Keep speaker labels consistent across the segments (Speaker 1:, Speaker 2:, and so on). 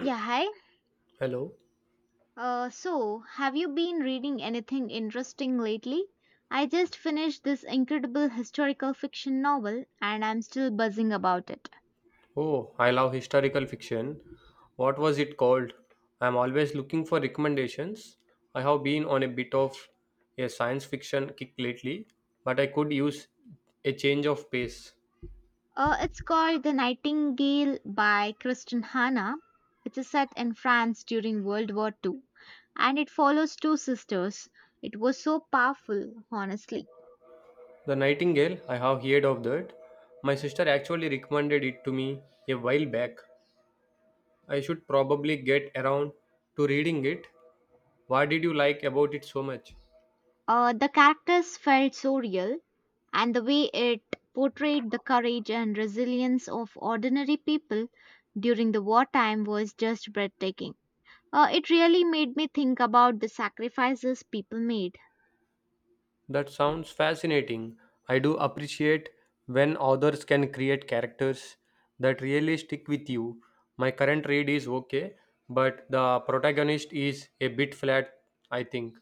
Speaker 1: Yeah, hi.
Speaker 2: Hello.
Speaker 1: Have you been reading anything interesting lately? I just finished this incredible historical fiction novel, and I'm still buzzing about it.
Speaker 2: Oh, I love historical fiction. What was it called? I'm always looking for recommendations. I have been on a bit of a science fiction kick lately, but I could use a change of pace.
Speaker 1: It's called The Nightingale by Kristen Hanna. It's set in France during World War Two, and it follows two sisters. It was so powerful, honestly.
Speaker 2: The Nightingale, I have heard of that. My sister actually recommended it to me a while back. I should probably get around to reading it. Why did you like about it so much?
Speaker 1: The characters felt so real, and the way it portrayed the courage and resilience of ordinary people during the wartime was just breathtaking. It really made me think about the sacrifices people made.
Speaker 2: That sounds fascinating. I do appreciate when authors can create characters that really stick with you. My current read is okay, but the protagonist is a bit flat, I think.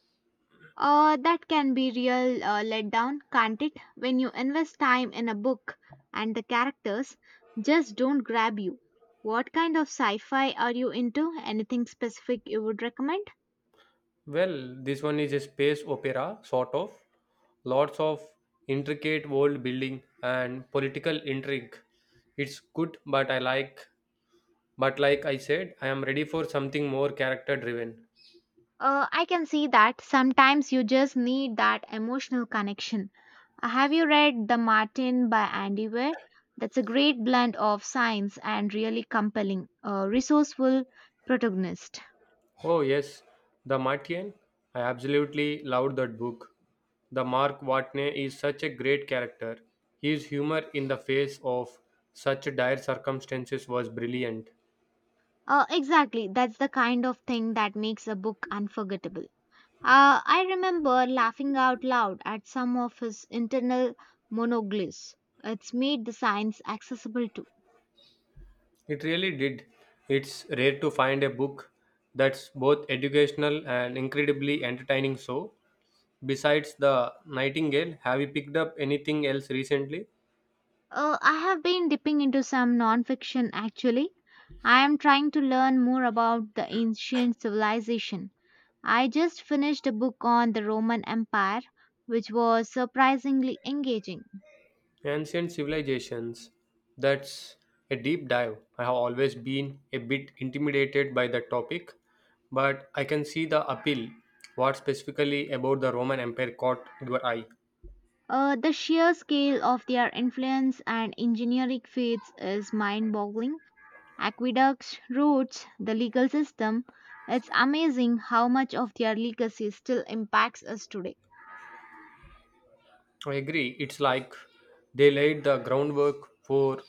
Speaker 1: That can be real letdown, can't it? When you invest time in a book and the characters just don't grab you. What kind of sci fi are you into? Anything specific you would recommend?
Speaker 2: Well, this one is a space opera, sort of. Lots of intricate world building and political intrigue. It's good, but like I said, I am ready for something more character driven.
Speaker 1: I can see that sometimes you just need that emotional connection. Have you read The Martin by Andy Weir? That's a great blend of science and really compelling, resourceful protagonist.
Speaker 2: Oh, yes, The Martian. I absolutely loved that book. The Mark Watney is such a great character. His humor in the face of such dire circumstances was brilliant.
Speaker 1: Exactly, that's the kind of thing that makes a book unforgettable. I remember laughing out loud at some of his internal monologues. It's made the science accessible too.
Speaker 2: It really did. It's rare to find a book that's both educational and incredibly entertaining. So, besides The Nightingale, have you picked up anything else recently?
Speaker 1: I have been dipping into some nonfiction actually. I am trying to learn more about the ancient civilization. I just finished a book on the Roman Empire, which was surprisingly engaging.
Speaker 2: Ancient civilizations. That's a deep dive. I have always been a bit intimidated by the topic, but I can see the appeal. What specifically about the Roman Empire caught your eye?
Speaker 1: The sheer scale of their influence and engineering feats is mind boggling. Aqueducts, roads, the legal system. It's amazing how much of their legacy still impacts us today.
Speaker 2: I agree. It's like they laid the groundwork for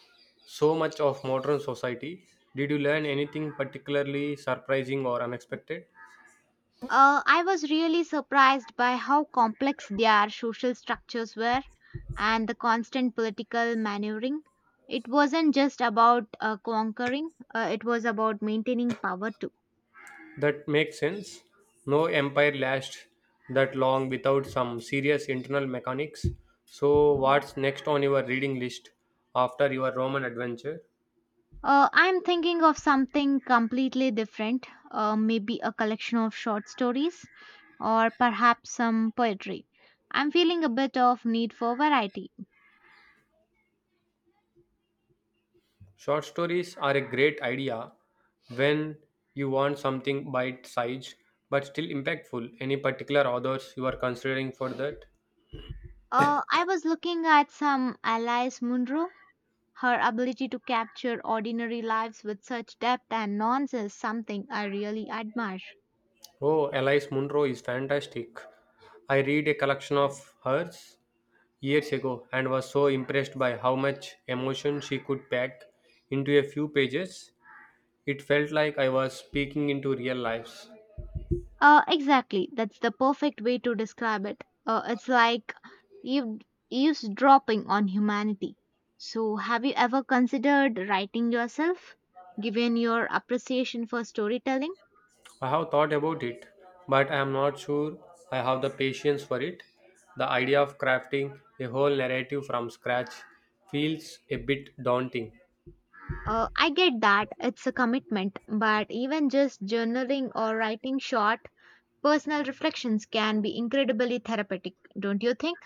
Speaker 2: so much of modern society. Did you learn anything particularly surprising or unexpected?
Speaker 1: I was really surprised by how complex their social structures were and the constant political maneuvering. It wasn't just about conquering, it was about maintaining power too.
Speaker 2: That makes sense. No empire lasts that long without some serious internal mechanics. So, what's next on your reading list after your Roman adventure?
Speaker 1: I'm thinking of something completely different, maybe a collection of short stories or perhaps some poetry. I'm feeling a bit of need for variety.
Speaker 2: Short stories are a great idea when you want something bite sized but still impactful. Any particular authors you are considering for that?
Speaker 1: I was looking at some Alice Munro. Her ability to capture ordinary lives with such depth and nuance is something I really admire.
Speaker 2: Oh, Alice Munro is fantastic. I read a collection of hers years ago and was so impressed by how much emotion she could pack into a few pages. It felt like I was speaking into real lives.
Speaker 1: Exactly, that's the perfect way to describe it. It's like eav- eavesdropping on humanity. So, have you ever considered writing yourself, given your appreciation for storytelling?
Speaker 2: I have thought about it, but I am not sure I have the patience for it. The idea of crafting a whole narrative from scratch feels a bit daunting.
Speaker 1: I get that it's a commitment, but even just journaling or writing short personal reflections can be incredibly therapeutic, don't you think?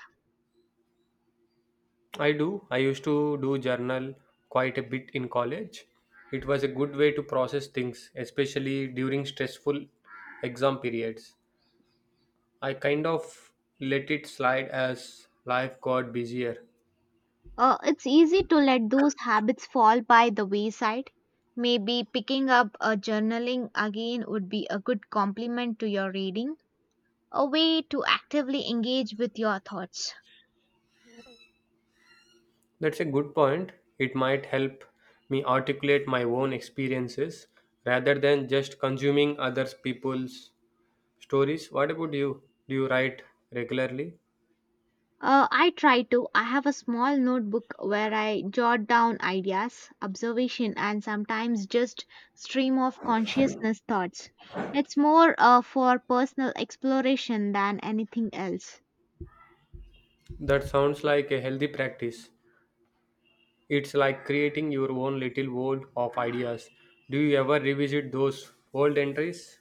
Speaker 2: I do. I used to do journal quite a bit in college. It was a good way to process things, especially during stressful exam periods. I kind of let it slide as life got busier.
Speaker 1: It's easy to let those habits fall by the wayside. Maybe picking up a journaling again would be a good complement to your reading, a way to actively engage with your thoughts.
Speaker 2: That's a good point. It might help me articulate my own experiences rather than just consuming other people's stories. What about you? Do you write regularly?
Speaker 1: I try to. I have a small notebook where I jot down ideas, observation, and sometimes just stream of consciousness thoughts. It's more for personal exploration than anything else.
Speaker 2: That sounds like a healthy practice. It's like creating your own little world of ideas. Do you ever revisit those old entries?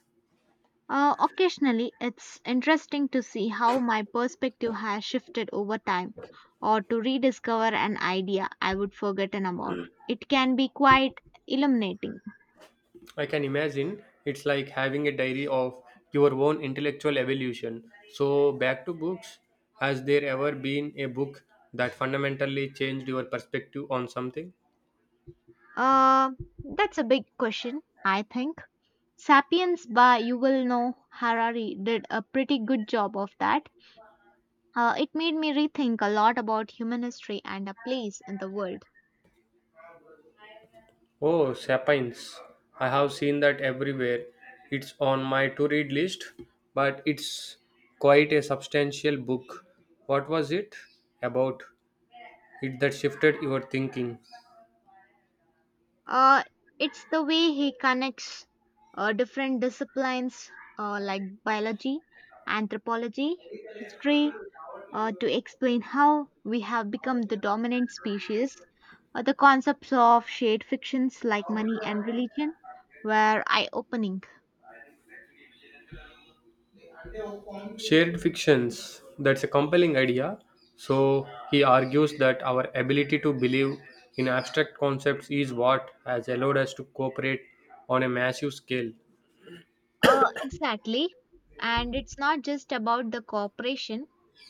Speaker 1: Occasionally, it's interesting to see how my perspective has shifted over time or to rediscover an idea I would forgotten about. It can be quite illuminating.
Speaker 2: I can imagine it's like having a diary of your own intellectual evolution. So, back to books, has there ever been a book that fundamentally changed your perspective on something?
Speaker 1: Uh, that's a big question, I think. Sapiens by Yuval Noah Harari did a pretty good job of that. It made me rethink a lot about human history and our place in the world.
Speaker 2: Oh, Sapiens. I have seen that everywhere. It's on my to read list, but it's quite a substantial book. What was it about? It that shifted your thinking.
Speaker 1: Uh, it's the way he connects different disciplines like biology, anthropology, history to explain how we have become the dominant species. The concepts of shared fictions like money and religion were eye opening.
Speaker 2: Shared fictions, that's a compelling idea. So he argues that our ability to believe in abstract concepts is what has allowed us to cooperate on a massive scale.
Speaker 1: Exactly. And it's not just about the cooperation,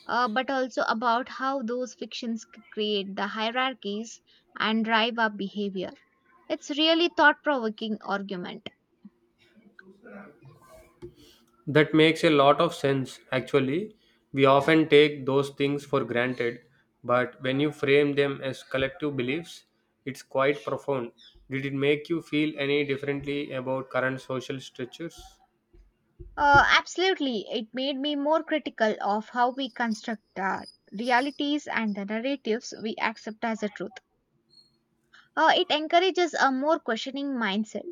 Speaker 1: but also about how those fictions create the hierarchies and drive our behavior. It's really thought provoking argument.
Speaker 2: That makes a lot of sense, actually. We often take those things for granted, but when you frame them as collective beliefs, it's quite profound. Did it make you feel any differently about current social structures?
Speaker 1: Absolutely. It made me more critical of how we construct our realities and the narratives we accept as a truth. It encourages a more questioning mindset.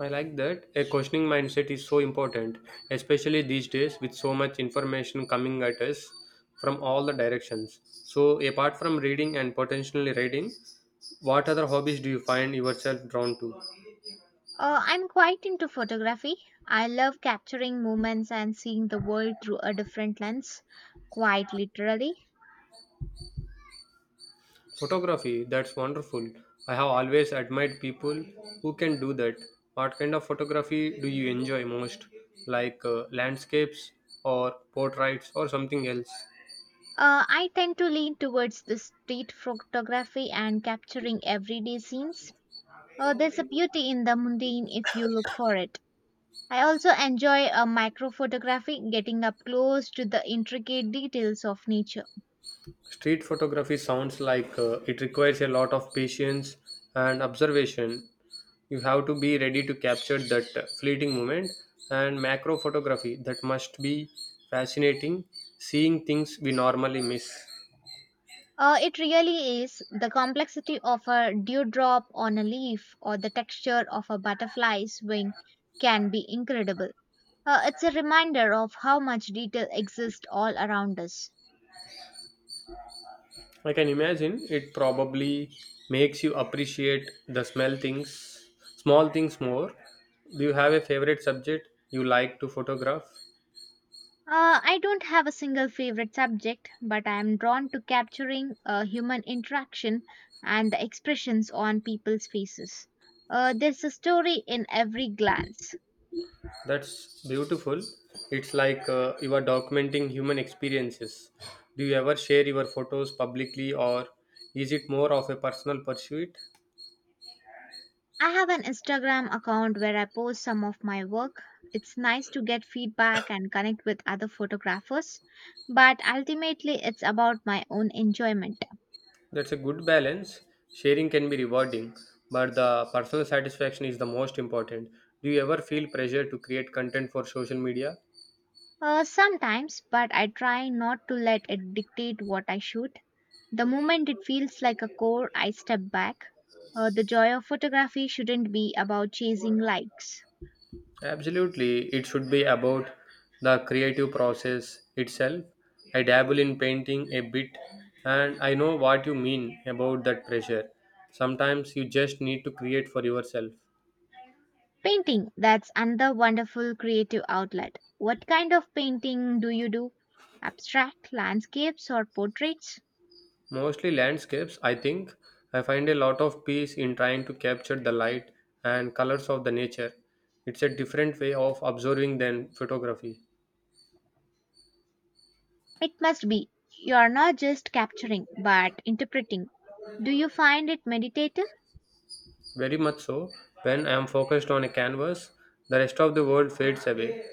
Speaker 2: I like that. A questioning mindset is so important, especially these days with so much information coming at us from all the directions. So, apart from reading and potentially reading, what other hobbies do you find yourself drawn to?
Speaker 1: I'm quite into photography. I love capturing moments and seeing the world through a different lens, quite literally.
Speaker 2: Photography, that's wonderful. I have always admired people who can do that. What kind of photography do you enjoy most? Like landscapes or portraits or something else?
Speaker 1: I tend to lean towards the street photography and capturing everyday scenes. There's a beauty in the mundane if you look for it. I also enjoy microphotography, getting up close to the intricate details of nature.
Speaker 2: Street photography sounds like it requires a lot of patience and observation. You have to be ready to capture that fleeting moment. And macro photography, that must be fascinating, seeing things we normally miss.
Speaker 1: It really is. The complexity of a dewdrop on a leaf or the texture of a butterfly's wing can be incredible. It's a reminder of how much detail exists all around us.
Speaker 2: I can imagine it probably makes you appreciate the small things more. Do you have a favorite subject you like to photograph?
Speaker 1: I don't have a single favorite subject, but I am drawn to capturing human interaction and the expressions on people's faces. There's a story in every glance.
Speaker 2: That's beautiful. It's like you are documenting human experiences. Do you ever share your photos publicly, or is it more of a personal pursuit?
Speaker 1: I have an Instagram account where I post some of my work. It's nice to get feedback and connect with other photographers, but ultimately it's about my own enjoyment.
Speaker 2: That's a good balance. Sharing can be rewarding, but the personal satisfaction is the most important. Do you ever feel pressure to create content for social media?
Speaker 1: Sometimes, but I try not to let it dictate what I shoot. The moment it feels like a core, I step back. The joy of photography shouldn't be about chasing likes.
Speaker 2: Absolutely, it should be about the creative process itself. I dabble in painting a bit and I know what you mean about that pressure. Sometimes you just need to create for yourself.
Speaker 1: Painting, that's another wonderful creative outlet. What kind of painting do you do? Abstract, landscapes, or portraits?
Speaker 2: Mostly landscapes, I think. I find a lot of peace in trying to capture the light and colors of the nature. It's a different way of observing than photography.
Speaker 1: It must be. You are not just capturing, but interpreting. Do you find it meditative?
Speaker 2: Very much so. When I am focused on a canvas, the rest of the world fades away.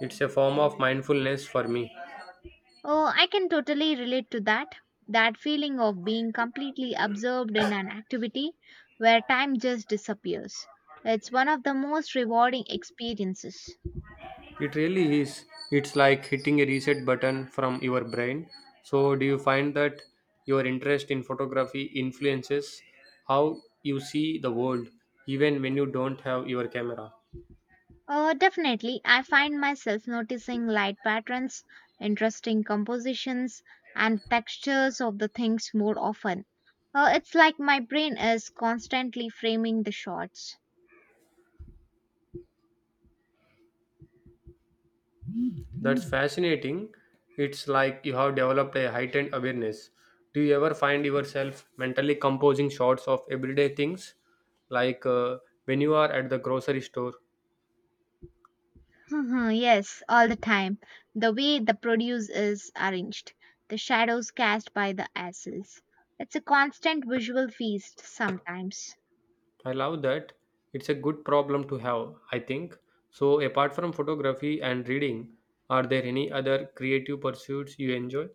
Speaker 2: It's a form of mindfulness for me.
Speaker 1: Oh, I can totally relate to that. That feeling of being completely absorbed in an activity where time just disappears. It's one of the most rewarding experiences.
Speaker 2: It really is. It's like hitting a reset button from your brain. So, do you find that your interest in photography influences how you see the world, even when you don't have your camera?
Speaker 1: Oh, definitely. I find myself noticing light patterns, interesting compositions, and textures of the things more often. It's like my brain is constantly framing the shots.
Speaker 2: That's fascinating. It's like you have developed a heightened awareness. Do you ever find yourself mentally composing shots of everyday things? Like when you are at the grocery store?
Speaker 1: Mhm, yes, all the time. The way the produce is arranged, the shadows cast by the assets. It's a constant visual feast sometimes.
Speaker 2: I love that. It's a good problem to have, I think. So, apart from photography and reading, are there any other creative pursuits you enjoy?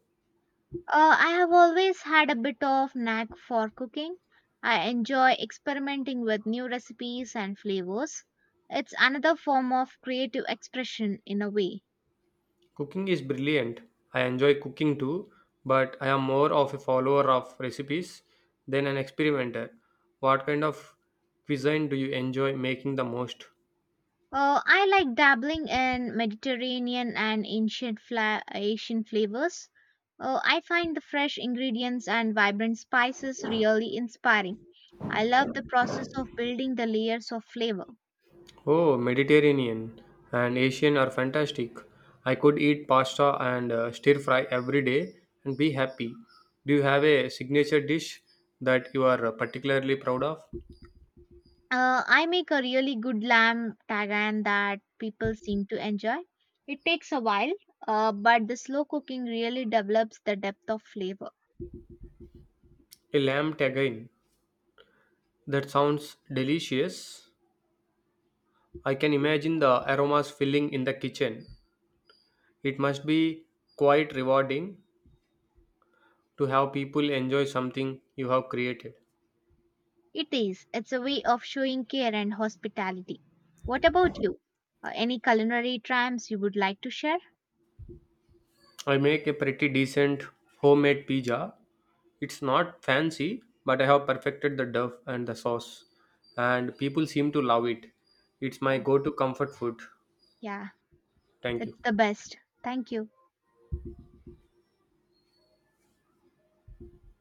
Speaker 1: I have always had a bit of knack for cooking. I enjoy experimenting with new recipes and flavors. It's another form of creative expression in a way.
Speaker 2: Cooking is brilliant. I enjoy cooking too, but I am more of a follower of recipes than an experimenter. What kind of cuisine do you enjoy making the most?
Speaker 1: I like dabbling in Mediterranean and ancient Asian flavors. I find the fresh ingredients and vibrant spices really inspiring. I love the process of building the layers of flavor.
Speaker 2: Oh, Mediterranean and Asian are fantastic. I could eat pasta and stir fry every day and be happy. Do you have a signature dish that you are particularly proud of?
Speaker 1: I make a really good lamb tagan that people seem to enjoy. It takes a while, but the slow cooking really develops the depth of flavor.
Speaker 2: A lamb tagine. That sounds delicious. I can imagine the aromas filling in the kitchen. It must be quite rewarding to have people enjoy something you have created.
Speaker 1: It is. It's a way of showing care and hospitality. What about you? Any culinary triumphs you would like to share?
Speaker 2: I make a pretty decent homemade pizza. It's not fancy, but I have perfected the dough and the sauce, and people seem to love it. It's my go to comfort food.
Speaker 1: Yeah,
Speaker 2: Thank
Speaker 1: it's
Speaker 2: you.
Speaker 1: the best. Thank you.